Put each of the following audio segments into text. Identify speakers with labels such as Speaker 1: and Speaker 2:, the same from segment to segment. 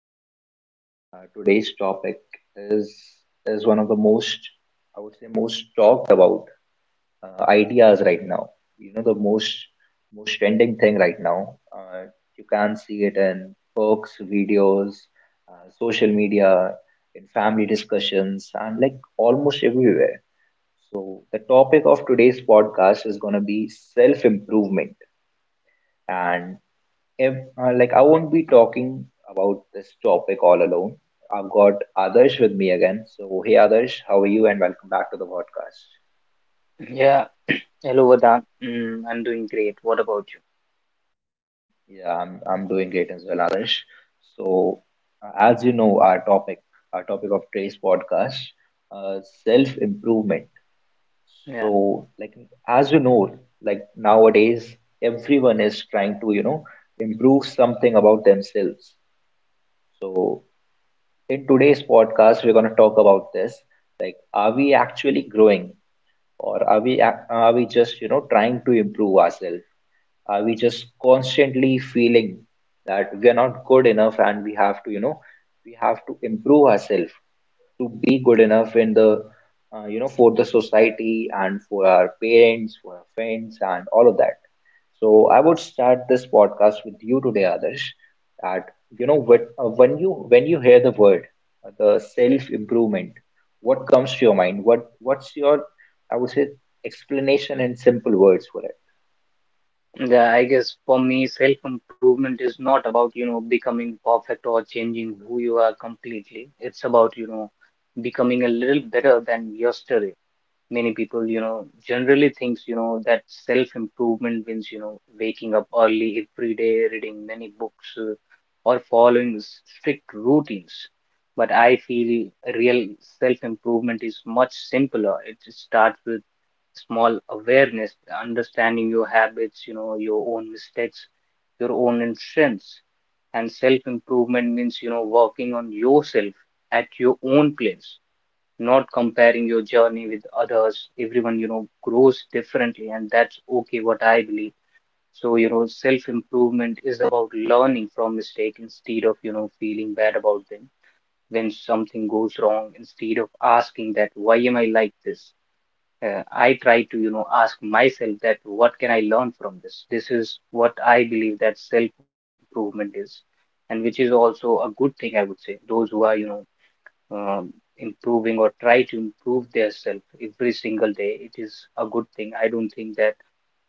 Speaker 1: podcast. Today's topic is is one of the I would say, most talked about ideas right now. You know, the most trending thing right now. You can see it in books, videos, social media, in family discussions, and like almost everywhere. So the topic of today's podcast is going to be self improvement, and if like I won't be talking about this topic all alone. I've got Adarsh with me again. So hey Adarsh, how are you and welcome back to the podcast.
Speaker 2: Yeah, hello Vardhan. I'm doing great. What about
Speaker 1: Yeah, I'm doing great as well, Adarsh. So As you know, our topic of today's podcast, uh, self-improvement.
Speaker 2: you? Yeah.
Speaker 1: So like as you know, like nowadays everyone is trying to, you know, improve something about themselves. So in today's podcast we're going to talk about this, like are we actually growing, or are we just, you know, trying to improve ourselves? Are we just constantly feeling that we are not good enough and we have to, you know, we have to improve ourselves to be good enough in the you know, for the society and for our parents, for our friends, and all of that? So I would start this podcast with you today, others, that you know
Speaker 2: Yeah.
Speaker 1: what, when you, when you hear the word the self improvement, what comes to your mind? What what's your, I would say, explanation in simple words for it?
Speaker 2: Yeah, I guess for me, self-improvement is not about, you know, becoming perfect or changing who you are completely. It's about, you know, becoming a little better than yesterday. Many people, you know, generally thinks, you know, that self improvement means, you know, waking up early every day, reading many books, or following strict routines, but I feel real self improvement is much simpler. It starts with small awareness, understanding your habits, you know, your own mistakes, your own strengths. And self improvement means, you know, working on yourself at your own place, not comparing your journey with others. Everyone, you know, grows differently, and that's okay, what I believe. So, you know, self improvement is about learning from mistake instead of, you know, feeling bad about them. When something goes wrong, instead of asking that, why am I like this? I try to, you know, ask myself that, what can I learn from this? This is what I believe that self improvement is, and which is also a good thing, I would say. Those who are, you know, um, improving or try to improve their self every single day, it is a good thing. I don't think that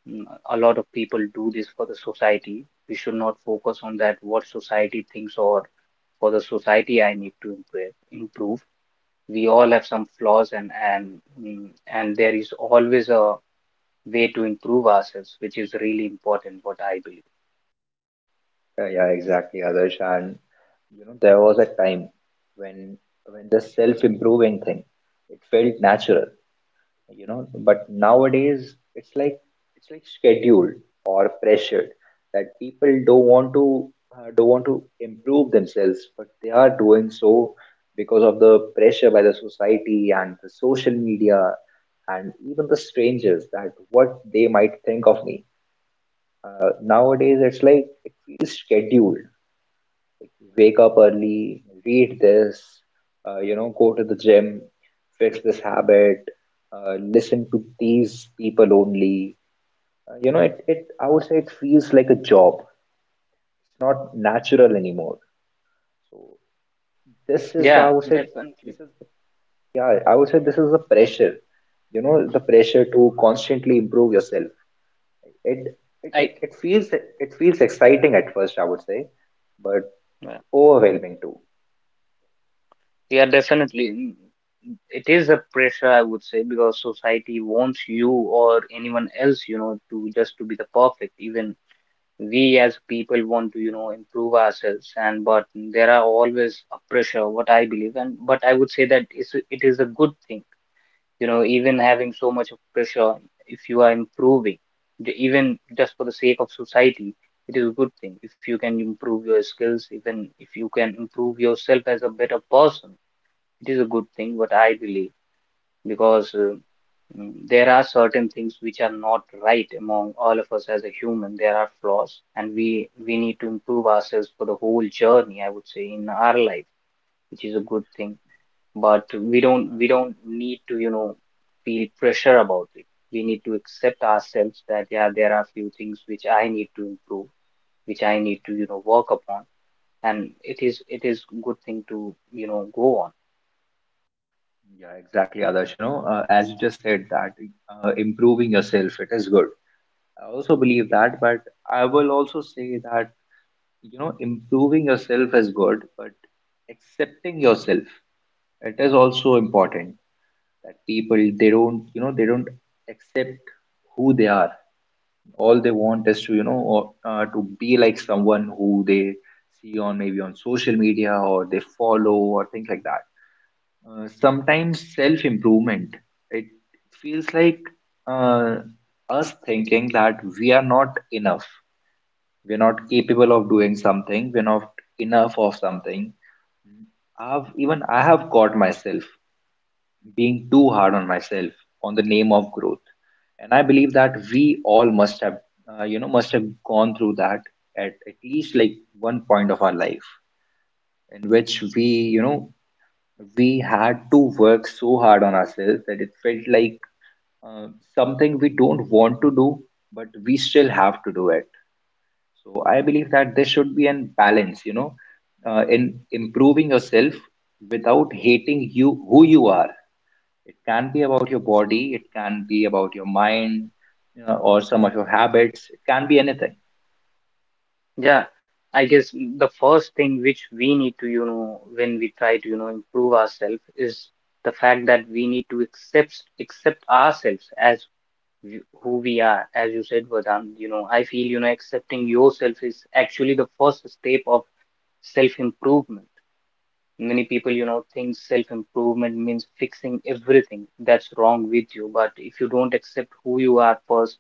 Speaker 2: mm, a lot of people do this for the society. We should not focus on that, what society thinks, or for the society I need to improve. We all have some flaws, and mm, and there is always a way to improve ourselves, which is really important, what I believe.
Speaker 1: Yeah exactly, others, and you know, there was a time when when the self improving thing, it felt natural, you know, but nowadays it's like, it's like scheduled or pressured. That people don't want to, don't want to improve themselves, but they are doing so because of the pressure by the society and the social media, and even the strangers, that what they might think of me. Nowadays it's like it feels scheduled. Wake up early, read this, you know, go to the gym, fix this habit, listen to these people only. You know, I would say it feels like a job. It's not natural anymore. So this is, I
Speaker 2: Yeah,
Speaker 1: would say,
Speaker 2: definitely.
Speaker 1: this is, yeah, I would say this is the pressure, you know, the pressure to constantly improve yourself. It, it,
Speaker 2: I
Speaker 1: it it feels, it feels exciting at first, I would say, but overwhelming too.
Speaker 2: Yeah, definitely. It is a pressure, I would say, because society wants you or anyone else, you know, to just to be the perfect. Even we as people want to, you know, improve ourselves. And but there are always a pressure, what I believe. And but I would say that it is a good thing, you know, even having so much of pressure, if you are improving, even just for the sake of society, it is a good thing. If you can improve your skills, even if you can improve yourself as a better person, it is a good thing, what I believe, because there are certain things which are not right among all of us as a human. There are flaws, and we need to improve ourselves for the whole journey, I would say, in our life, which is a good thing. But we don't
Speaker 1: Yeah.
Speaker 2: we don't need to, you know, feel pressure about it. We need to accept ourselves that yeah, there are few things which I need to improve, which I need to, you know, work upon, and it is good thing to, you know, go on.
Speaker 1: Yeah, exactly, Adarsh. You know, as you just said that improving yourself, it is good. I also believe that, but I will also say that, you know, improving yourself is good, but accepting yourself, it is also important. That people, they don't, you know, they don't accept who they are. All they want is to, you know, or, to be like someone who they see on, maybe on social media, or they follow, or things like that. Sometimes self improvement it feels like uh, us thinking that we are not enough, we're not capable of doing something, we're not enough of something. I have caught myself being too hard on myself on the name of growth. And I believe that we all must have you know, must have gone through that at least like one point of our life, in which we, you know, we had to work so hard on ourselves that it felt like uh, something we don't want to do, but we still have to do it. So I believe that there should be an balance, you know, in improving yourself without hating you who you are. It can be about your body, it can be about your mind, you know, or some of your habits. It can be anything.
Speaker 2: Yeah, I guess the first thing which we need to, you know, when we try to, you know, improve ourselves is the fact that we need to accept ourselves as who we are. As you said, Vedant, you know, I feel, you know, accepting yourself is actually the first step of self-improvement. Many people, you know, think self improvement means fixing everything that's wrong with you. But if you don't accept who you are first,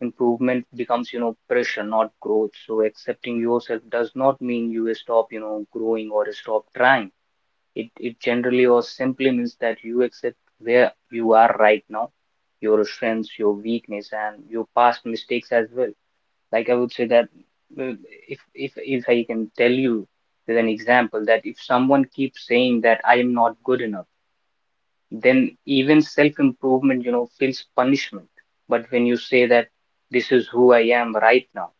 Speaker 2: improvement becomes, you know, pressure, not growth. So accepting yourself does not mean you stop, you know, growing or stop trying. It generally or simply means that you accept where you are right now, your strengths, your weakness, and your past mistakes as well. Like I would say that uh, if I can tell you with an example that if someone keeps saying that I am not good enough, then even self-improvement, you know, feels punishment. But when you say that this is who I am right now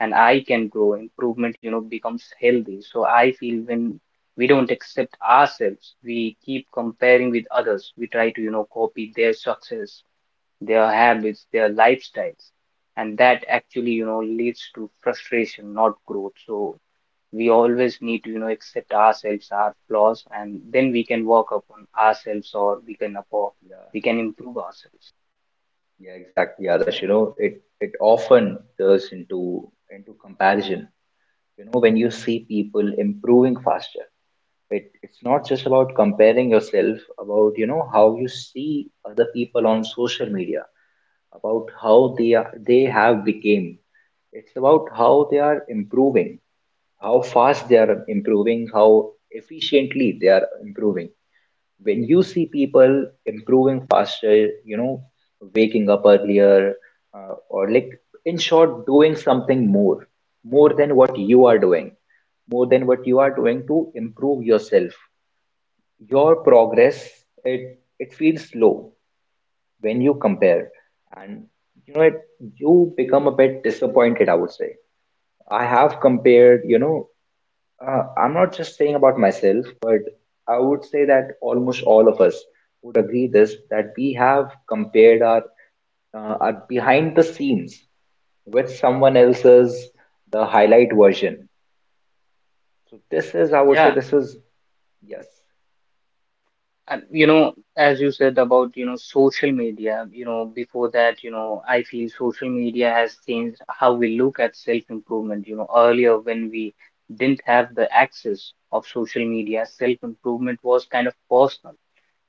Speaker 2: and I can grow, improvement, you know, becomes healthy. So I feel when we don't accept ourselves, we keep comparing with others. We try to, you know, copy their success, their habits, their lifestyles, and that actually, you know, leads to frustration, not growth. So we always need to, you know, accept ourselves, our flaws, and then we can work upon ourselves, or we can upon,
Speaker 1: Yeah,
Speaker 2: we can improve ourselves.
Speaker 1: yeah, exactly, Adarsh. You know, it often turns into comparison. You know, when you see people improving faster, it, it's not just about comparing yourself about, you know, how you see other people on social media, about how they are, they have became. It's about how they are improving, how fast they are improving, how efficiently they are improving. When you see people improving faster, you know, waking up earlier, or like in short, doing something more, more than what you are doing, more than what you are doing to improve yourself. Your progress, it feels slow when you compare, and you know, it you become a bit disappointed. I would say I have compared, you know, I'm not just saying about myself, but I would say that almost all of us would agree this, that we have compared our are behind the scenes with someone else's, the highlight version. So this is, I would say,
Speaker 2: Yeah,
Speaker 1: this is yes,
Speaker 2: and you know, as you said about, you know, social media, you know, before that, you know, I feel social media has changed how we look at self-improvement. You know, earlier when we didn't have the access of social media, self-improvement was kind of personal.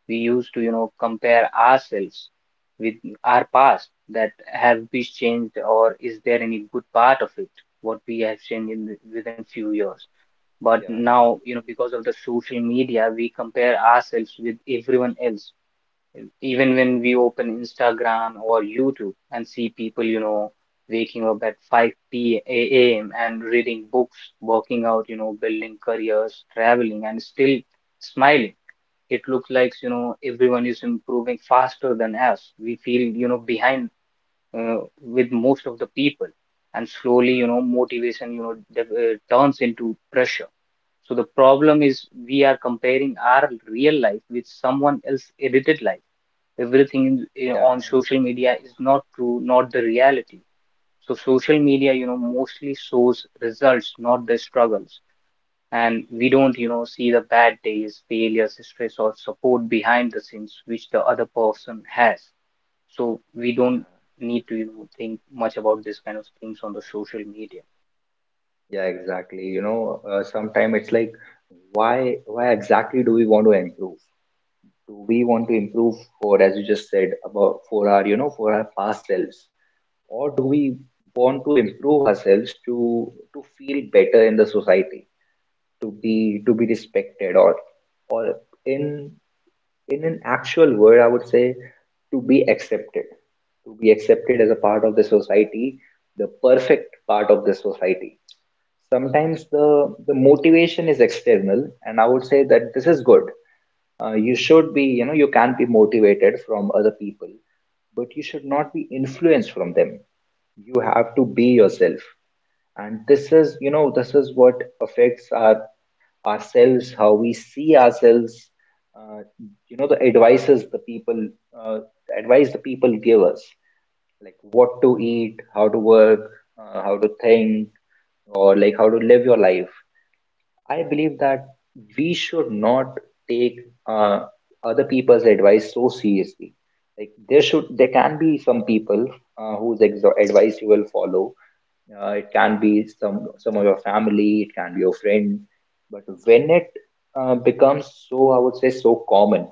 Speaker 2: We used to, you know, compare ourselves with our past, that have we changed or is there any good part of it, what we have changed in the, within few years. But
Speaker 1: yeah,
Speaker 2: now, you know, because of the social media, we compare ourselves with everyone else. Even when we open Instagram or YouTube and see people, you know, waking up at 5 p.m. a.m. and reading books, working out, you know, building careers, traveling, and still smiling. It looks like, you know, everyone is improving faster than us. We feel, you know, behind uh, with most of the people, and slowly, you know, motivation, you know, turns into pressure. So the problem is we are comparing our real life with someone else's edited life. Everything in, on
Speaker 1: yeah,
Speaker 2: social media is not true, not the reality. So social media, you know, mostly shows results, not the struggles, and we don't, you know, see the bad days, failures, stress, or support behind the scenes which the other person has. So we
Speaker 1: yeah,
Speaker 2: don't need to, you know, think much about this kind of things on the social media.
Speaker 1: yeah, exactly. You know, sometimes it's like, why exactly do we want to improve? Do we want to improve for, as you just said, about for our, you know, for our past selves? Or do we want to improve ourselves to feel better in the society, to be, to be respected, or in in an actual word, I would say, to be accepted, to be accepted as a part of the society, the perfect part of the society. Sometimes the motivation is external, and I would say that this is good. You should be, you know, you can be motivated from other people, but you should not be influenced from them. You have to be yourself. And this is, you know, this is what affects our ourselves, how we see ourselves. uh, you know, the advices the people, uh, the advice the people give us, like what to eat, how to work, how to think, or like how to live your life. I believe that we should not take uh, other people's advice so seriously. Like there should, there can be some people whose advice you will follow. It can be some of your family, it can be your friends. But when it becomes so, I would say so common,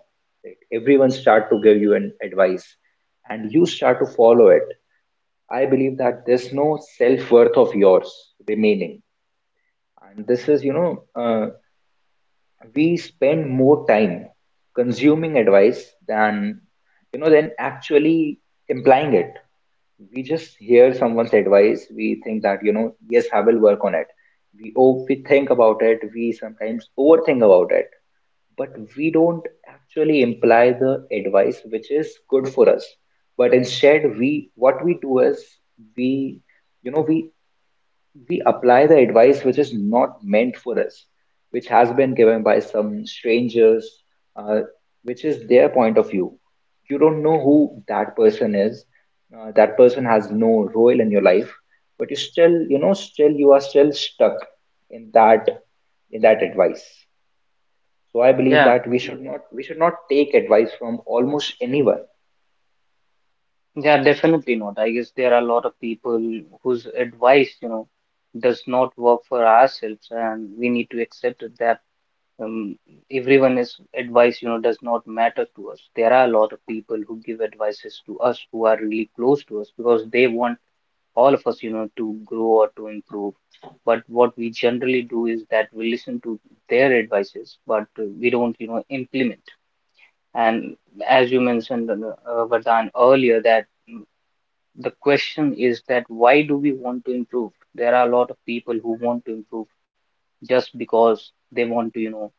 Speaker 1: like everyone start to give you an advice, and you start to follow it, I believe that there's no self worth of yours remaining. And this is, you know, we spend more time consuming advice than, you know, than actually implying it. We just hear someone's advice, we think that, you know, yes, I will work on it. We think about it, we sometimes overthink about it, but we don't actually imply the advice which is good for us. But instead, we what we do is we you know we apply the advice which is not meant for us, which has been given by some strangers, uh, which is their point of view. You don't know who that person is. That person has no role in your life, but you still, you know, still you are still stuck in that, in that advice. So I believe
Speaker 2: Yeah,
Speaker 1: that we should not, we should not take advice from almost anyone.
Speaker 2: yeah, definitely not. I guess there are a lot of people whose advice, you know, does not work for ourselves, and we need to accept it that um, everyone's advice, you know, does not matter to us. There are a lot of people who give advices to us who are really close to us, because they want all of us, you know, to grow or to improve. But what we generally do is that we listen to their advices, but we don't, you know, implement. And as you mentioned, Vardhan, earlier, that mm, the question is that why do we want to improve? There are a lot of people who want to improve just because they want to, you know,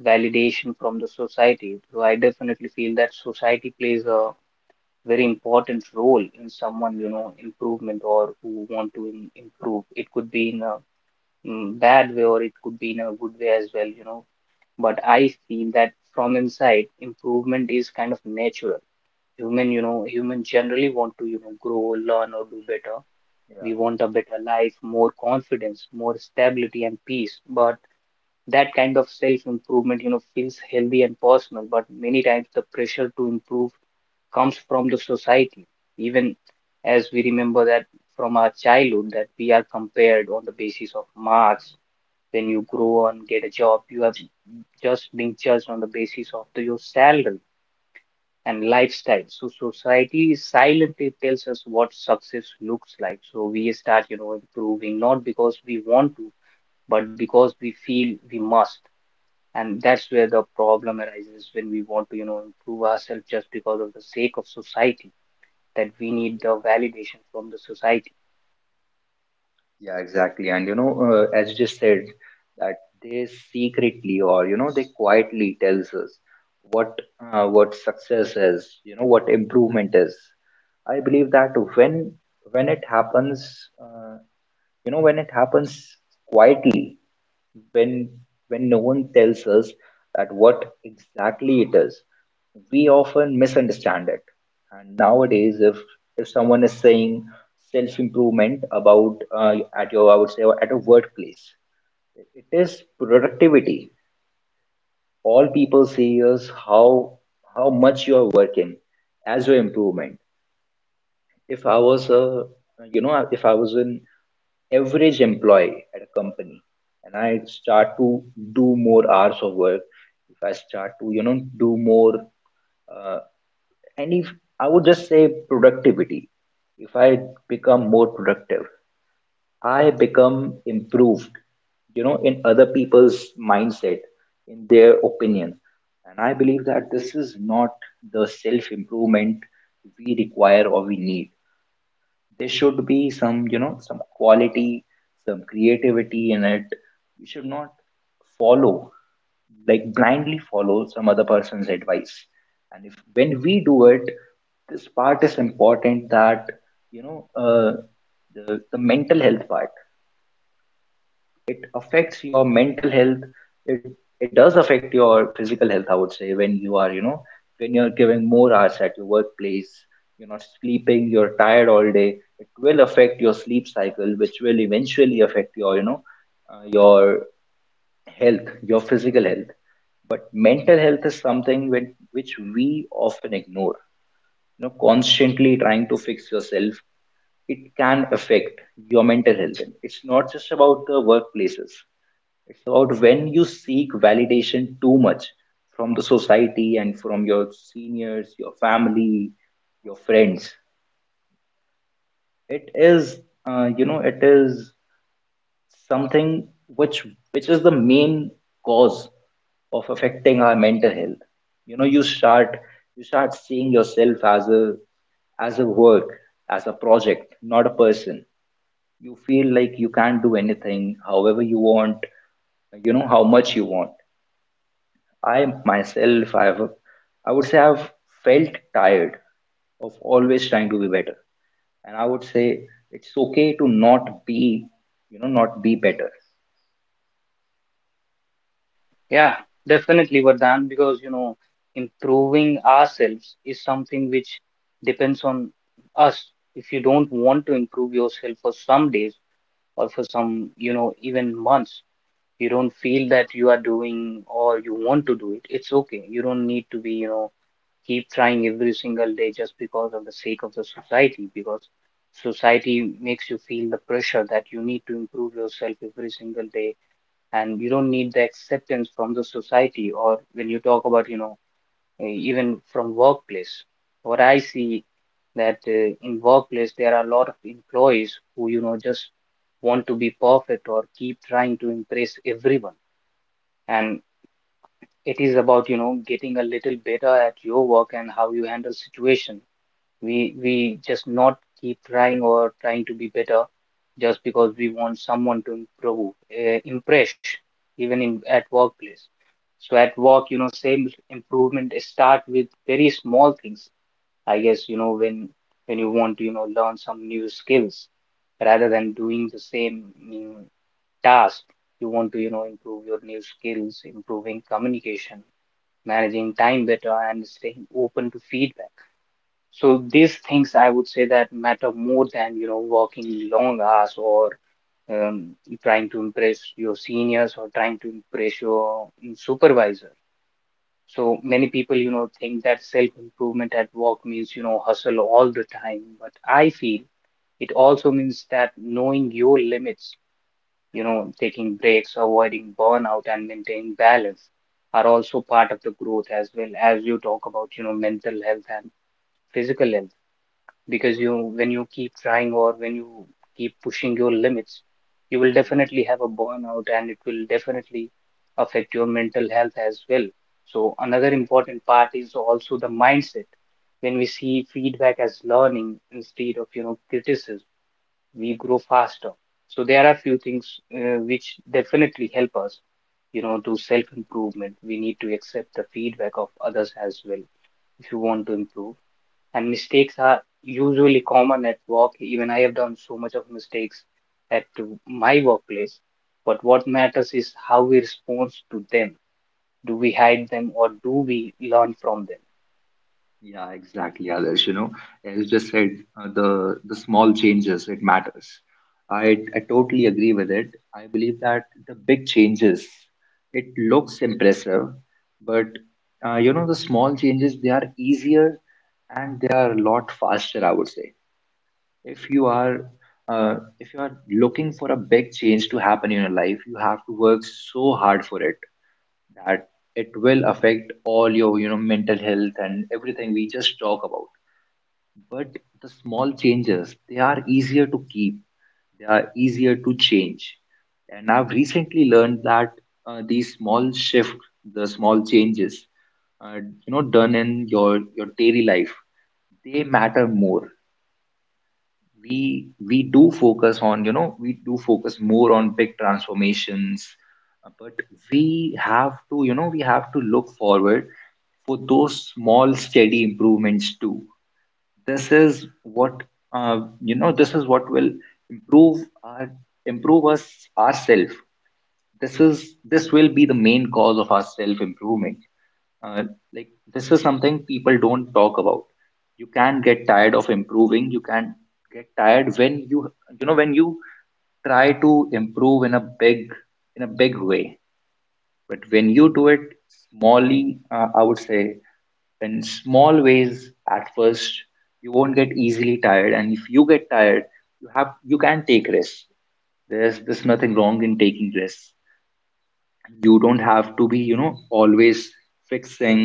Speaker 2: validation from the society. So I definitely feel that society plays a very important role in someone, you know, improvement or who want to improve. It could be in a bad way, or it could be in a good way as well, you know, but I feel that from inside improvement is kind of natural. Human, you know, human generally want to, you know, grow, learn, or do better. We want a better life, more confidence, more stability and peace, but that kind of self improvement, you know, feels healthy and personal. But many times the pressure to improve comes from the society, even as we remember that from our childhood that we are compared on the basis of marks. When you grow and get a job, you have just being judged on the basis of the, your salary and lifestyle. So society silently tells us what success looks like. So we start, you know, improving not because we want to, but because we feel we must. And that's where the problem arises, when we want to, you know, improve ourselves just because of the sake of society, that we need the validation from the society.
Speaker 1: Yeah, exactly. And you know, as you just said, that they secretly, or you know, they quietly tells us what, what success is, you know, what improvement is. I believe that when it happens, you know, when it happens quietly, when when no one tells us that what exactly it is, we often misunderstand it. And nowadays, if someone is saying self improvement about at your, I would say, at a workplace, it is productivity. All people see is how much you are working as your improvement. If I was a, you know, if I was an average employee at a company, and I start to do more hours of work, if I start to, you know, do more, uh, and if I would just say productivity, if I become more productive, I become improved, you know, in other people's mindset, in their opinion. And I believe that this is not the self improvement we require or we need. There should be some, you know, some quality, some creativity in it. You should not follow, like blindly follow some other person's advice. And if, when we do it, this part is important, that you know, the mental health part, it affects your mental health. it it does affect your physical health, I would say. When you are, you know, when you're giving more hours at your workplace, you're not sleeping, you're tired all day, it will affect your sleep cycle, which will eventually affect your, you know, your health, your physical health. But mental health is something which we often ignore. You know, constantly trying to fix yourself, it can affect your mental health. And it's not just about the workplaces. It's about when you seek validation too much from the society and from your seniors, your family, your friends. It is, it is something which is the main cause of affecting our mental health. You know, you start seeing yourself as a as a work, as a project, not a person. You feel like you can't do anything, however you want, you know, how much you want. I myself, I've, I would say I've felt tired of always trying to be better. And I would say it's okay to not be, not be better.
Speaker 2: Yeah, definitely, Vardhan, because you know, improving ourselves is something which depends on us. If you don't want to improve yourself for some days or for some, you know, even months, you don't feel that you are doing or you want to do it, it's okay. You don't need to be, you know, keep trying every single day just because of the sake of the society, because society makes you feel the pressure that you need to improve yourself every single day, and you don't need the acceptance from the society. Or when you talk about, you know, even from workplace, what I see that in workplace there are a lot of employees who, you know, just want to be perfect or keep trying to impress everyone. And it is about, you know, getting a little better at your work and how you handle situation. We just not keep trying or trying to be better just because we want someone to improve impress, even in at workplace. So at work, you know, same improvement start with very small things. I guess, you know, when you want to, you know, learn some new skills rather than doing the same task, you want to, you know, improve your new skills, improving communication, managing time better, and staying open to feedback. So these things I would say that matter more than, working long hours or um, trying to impress your seniors or trying to impress your supervisor. So many people, think that self-improvement at work means, hustle all the time. But I feel it also means that knowing your limits, taking breaks, avoiding burnout, and maintaining balance are also part of the growth, as well as you talk about, mental health and physical health, because you when you keep trying or when you keep pushing your limits, you will
Speaker 1: Yeah,
Speaker 2: definitely have a burnout and it will definitely affect your mental health as well. So another
Speaker 1: exactly.
Speaker 2: important part is also the mindset. When we see feedback as learning instead of, criticism, we grow faster. So there are few things which definitely help us, you know, to self improvement we need to accept the feedback of others as well, if you want to improve. And mistakes are usually common at work. Even I have done so much of mistakes at my workplace. But what matters is how we respond to them. Do we hide them or do we learn from them?
Speaker 1: Yeah, exactly, Others. You know, as you just said, the small changes it matters. I totally agree with it. I believe that the big changes, it looks impressive, but the small changes they are easier and they are a lot faster. I would say if you are if you are looking for a big change to happen in your life, you have to work so hard for it that it will affect all your, you know, mental health and everything we just talk about. But the small changes, they are easier to keep, they are easier to change. And I've recently learned that, uh, these small shift the small changes, you know, done in your daily life, they matter more. We do focus on, you know, we do focus more on big transformations, but we have to, you know, we have to look forward for those small steady improvements too. This is what, you know, this is what will improve our improve us, ourselves. this is this will be the main cause of our self improvement. uh, like this is something people don't talk about. You can get tired of improving. You can get tired when you know, when you try to improve in a big, in a big way. But when you do it smallly, I would say in small ways, at first you won't get easily tired. And if you get tired, you can take risks. There's nothing wrong in taking risks. You don't have to be, you know, always fixing,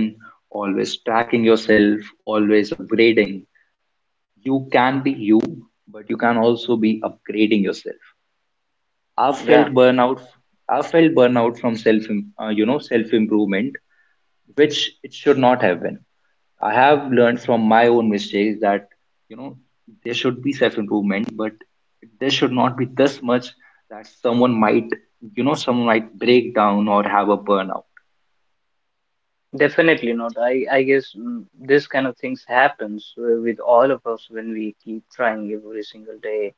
Speaker 1: always tracking yourself, always upgrading. You can be you, but you can also be upgrading yourself. i've felt
Speaker 2: Yeah,
Speaker 1: burnout I've felt burnout from self, you know, self improvement, which it should not have been. I have learned from my own mistakes that, you know, there should be self improvement, but there should not be this much that someone might, you know, someone might break down or have a burnout.
Speaker 2: definitely not. I guess this kind of things happens with all of us when we keep trying every single day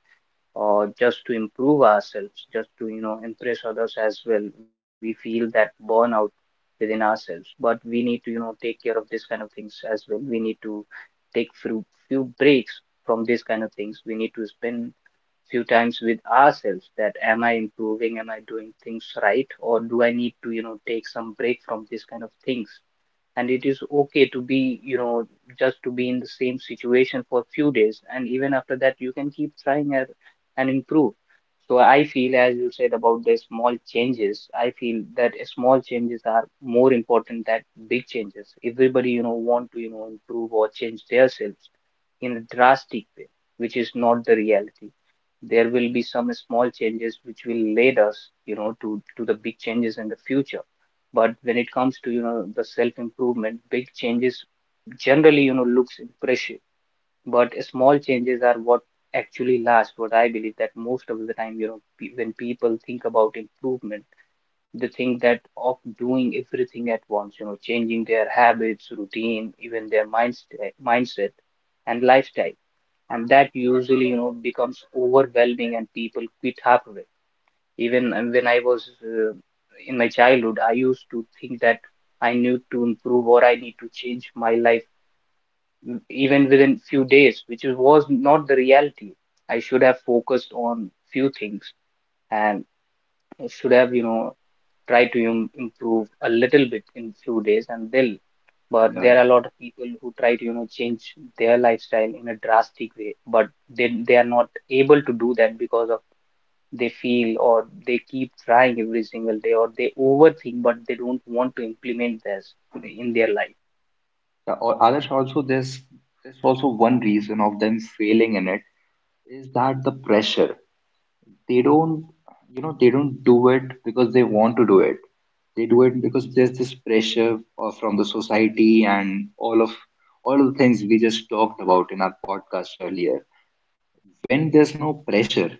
Speaker 2: or just to improve ourselves, just to, impress others as well. We feel that burnout within ourselves, but we need to, take care of this kind of things as well. We need to take few breaks from these kind of things. We need to spend few times with ourselves that am I improving? Am I doing things right? Or do I need to, take some break from these kind of things? And it is okay to be, you know, just to be in the same situation for few days, and even after that you can keep trying and improve. So I feel, as you said about the small changes, I feel that small changes are more important than big changes. Everybody, you know, want to, improve or change themselves in a drastic way, which is not the reality. There will be some small changes which will lead us, you know, to the big changes in the future. But when it comes to, you know, the self improvement, big changes generally, you know, looks impressive, but small changes are what actually last. What I believe, that most of the time, you know, when people think about improvement, they think that of doing everything at once, you know, changing their habits, routine, even their mindset and lifestyle. And that usually, you know, becomes overwhelming and people quit halfway. Even when I was in my childhood, I used to think that I need to improve or I need to change my life even within few days, which was not the reality. I should have focused on few things, and I should have, tried to im improve a little bit in few days and they'll. But
Speaker 1: Yeah.
Speaker 2: there are a lot of people who try to, change their lifestyle in a drastic way, but they are not able to do that because of they feel, or they keep trying every single day, or they overthink, but they don't want to implement this in their life.
Speaker 1: Yeah, or others, also there's, also one reason of them failing in it is that the pressure. They don't, you know, they don't do it because they want to do it. They do it because there's this pressure from the society and all of the things we just talked about in our podcast earlier. When there's no pressure,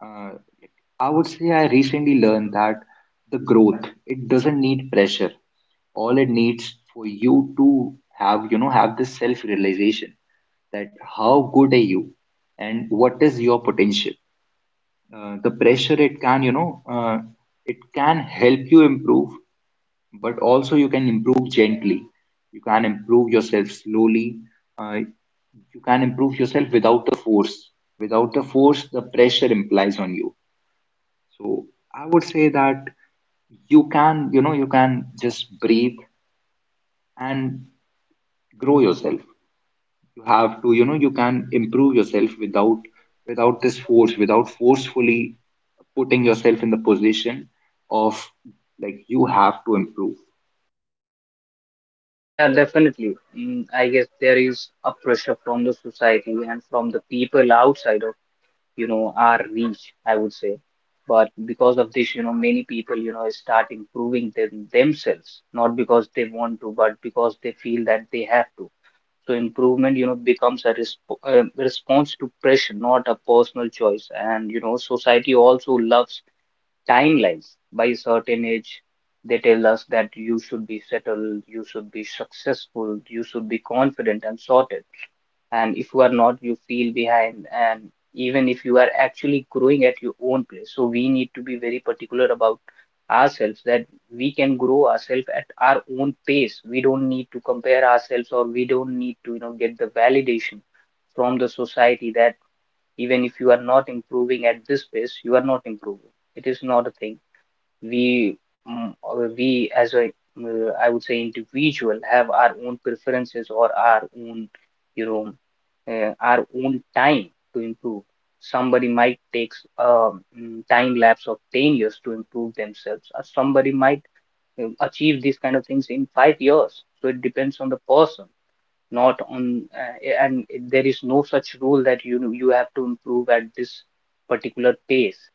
Speaker 1: uh, like, I would say I recently learned that the growth, it doesn't need pressure. All it needs for you to have, you know, have this self-realization that how good are you and what is your potential. The pressure, it can, it can help you improve, but also you can improve gently, you can improve yourself slowly, uh, you can improve yourself without the force, without the force the pressure implies on you. So I would say that you can, you know, you can just breathe and grow yourself. You have to, you know, you can improve yourself without, without this force, without forcefully putting yourself in the position of, like, you have to improve.
Speaker 2: Yeah, definitely. I guess there is a pressure from the society and from the people outside of, you know, our reach, I would say. But because of this, you know, many people, you know, start improving themselves, not because they want to, but because they feel that they have to. So improvement, becomes a response to pressure, not a personal choice. And you know, society also loves timelines. By a certain age, they tell us that you should be settled, you should be successful, you should be confident and sorted. And if you are not, you feel behind, and even if you are actually growing at your own pace. So we need to be very particular about ourselves, that we can grow ourselves at our own pace. We don't need to compare ourselves, or we don't need to, you know, get the validation from the society, that even if you are not improving at this pace, you are not improving. It is not a thing. we or we as a I would say individual, have our own preferences or our own, you know, our own time to improve. Somebody might take a time lapse of 10 years to improve themselves, or somebody might achieve these kind of things in 5 years. So it depends on the person, not on, and there is no such rule that, you know, you have to improve at this particular pace.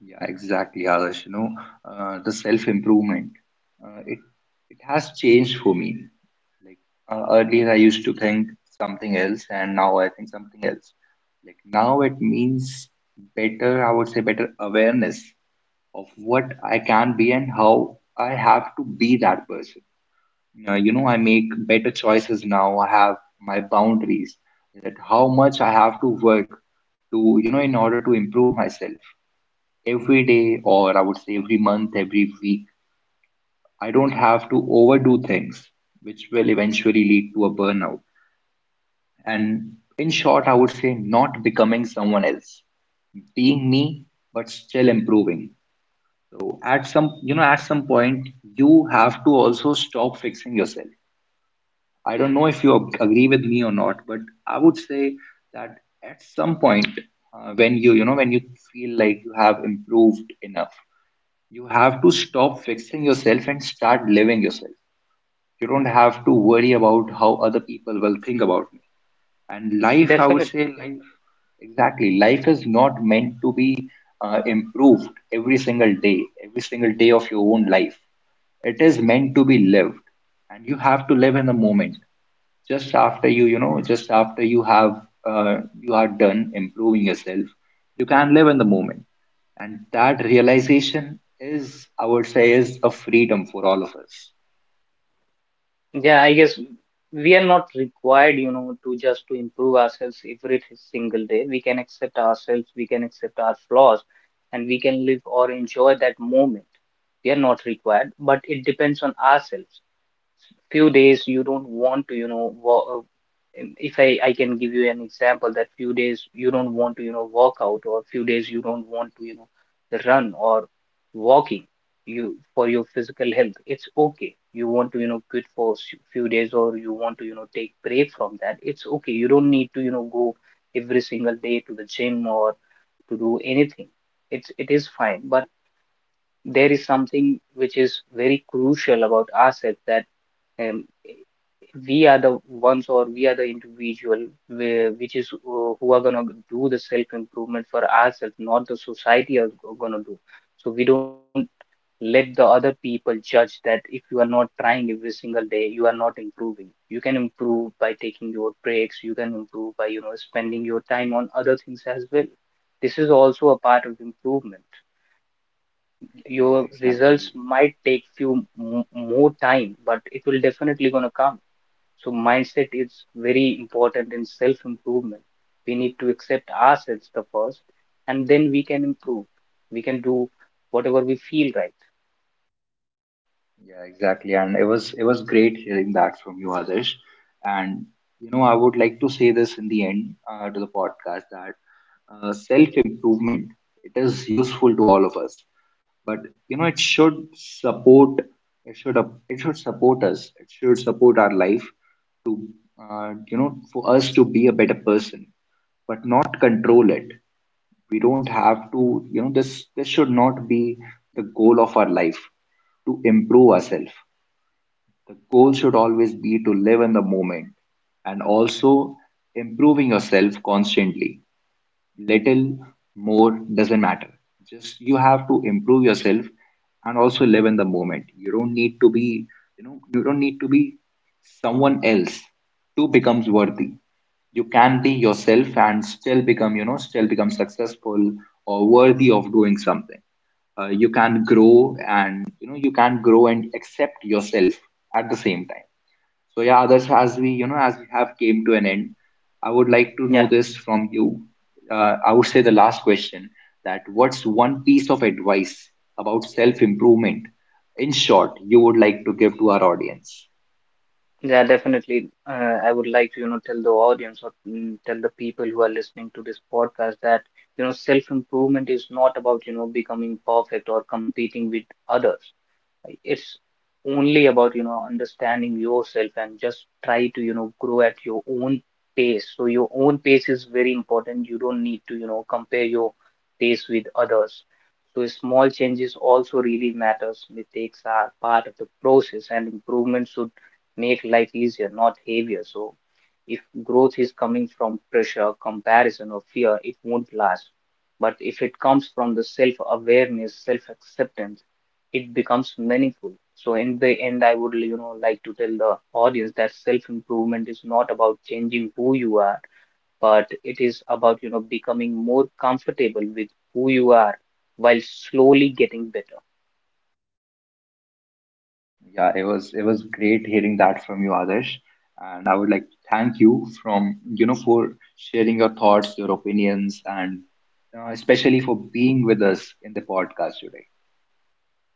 Speaker 1: Yeah, exactly, Adarsh. You know, the self-improvement, uh, it it has changed for me. Like, earlier, I used to think something else, and now I think something else. Like now, it means better. I would say better awareness of what I can be and how I have to be that person. You know, I make better choices now. I have my boundaries. That how much I have to work to, you know, in order to improve myself every day, or I would say every month, every week, I don't have to overdo things, which will eventually lead to a burnout. And in short, I would say not becoming someone else, being me, but still improving. So at some, you know, at some point, you have to also stop fixing yourself. I don't know if you agree with me or not, but I would say that at some point, when you know, when you feel like you have improved enough, you have to stop fixing yourself and start living yourself. You don't have to worry about how other people will think about me. And life, I would say,
Speaker 2: Definitely.
Speaker 1: life, exactly. Life is not meant to be improved every single day of your own life. It is meant to be lived. And you have to live in the moment just after you, you know just after you have, you are done improving yourself, you can live in the moment. And that realization is, I would say, is a freedom for all of us.
Speaker 2: Yeah, I guess we are not required, to just to improve ourselves every single day. We can accept ourselves, we can accept our flaws, and we can live or enjoy that moment. We are not required, but it depends on ourselves. Few days you don't want to, you know, if I can give you an example, that few days you don't want to, work out, or few days you don't want to, run or walking. You, for your physical health, it's okay, you want to, quit for few days, or you want to, take break from that. It's okay, you don't need to, go every single day to the gym or to do anything. It's, it is fine. But there is something which is very crucial about ourselves, that um, we are the ones, or we are the individual which is who are gonna do the self improvement for ourselves, not the society are gonna do. So we don't let the other people judge that if you are not trying every single day, you are not improving. You can improve by taking your breaks, you can improve by, spending your time on other things as well. This is also a part of improvement.
Speaker 1: Yeah,
Speaker 2: Your results
Speaker 1: exactly.
Speaker 2: might take few more time, but it will definitely gonna come. So mindset is very important in self-improvement. We need to accept ourselves the first, and then we can improve. We can do whatever we feel right.
Speaker 1: Yeah, exactly. And it was, great hearing that from you, Adesh. And you know, I would like to say this in the end, to the podcast that, self improvement, it is useful to all of us. But you know, it should support, it should support us, it should support our life, you know, for us to be a better person, but not control it. We don't have to, you know, this should not be the goal of our life to improve ourselves. The goal should always be to live in the moment and also improving yourself constantly. Little more doesn't matter, just you have to improve yourself and also live in the moment. You don't need to be, you know, you don't need to be someone else to becomes worthy. You can be yourself and still become, you know, still become successful or worthy of doing something. You can grow and, you know, you can grow and accept yourself at the same time. So yeah, others, as we, you know, as we have came to an end, I would like to know
Speaker 2: Yeah,
Speaker 1: this from you. I would say the last question, that what's one piece of advice about self improvement? In short, you would like to give to our audience.
Speaker 2: yeah, definitely. I would like to, tell the audience, or tell the people who are listening to this podcast that, self-improvement is not about, becoming perfect or competing with others. It's only about, understanding yourself and just try to, grow at your own pace. So your own pace is very important. You don't need to, compare your pace with others. So small changes also really matters. Mistakes are part of the process, and improvement should make life easier, not heavier. So if growth is coming from pressure, comparison, or fear, it won't last. But if it comes from the self awareness, self acceptance, it becomes meaningful. So in the end, I would, like to tell the audience that self-improvement is not about changing who you are, but it is about, becoming more comfortable with who you are, while slowly getting better.
Speaker 1: Yeah, it was, great hearing that from you, Adarsh, and I would like to thank you from, you know, for sharing your thoughts, your opinions, and especially for being with us in the podcast today.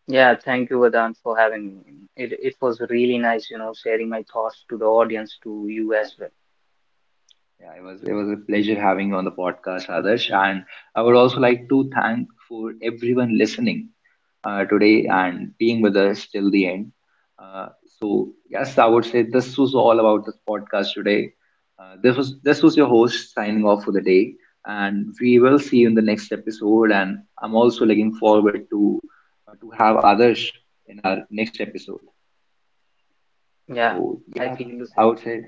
Speaker 2: Yeah, thank you, Vedant, for having me. It was really nice, sharing my thoughts to the audience, to you as well.
Speaker 1: Yeah, it was, a pleasure having you on the podcast, Adarsh. And I would also like to thank for everyone listening today and being with us till the end. Uh, so yes, I would say this was all about this podcast today. This was your host signing off for the day, and we will see you in the next episode. And I'm also looking forward to, to have Adarsh in our next episode.
Speaker 2: Yeah,
Speaker 1: So
Speaker 2: I
Speaker 1: yeah,
Speaker 2: feel the
Speaker 1: I
Speaker 2: same.
Speaker 1: would say.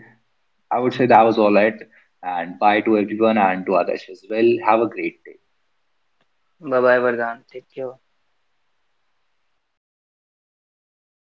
Speaker 1: I would say that was all it. And bye to everyone and to others as well. Have a great day.
Speaker 2: Bye bye, Vardhan. Take care.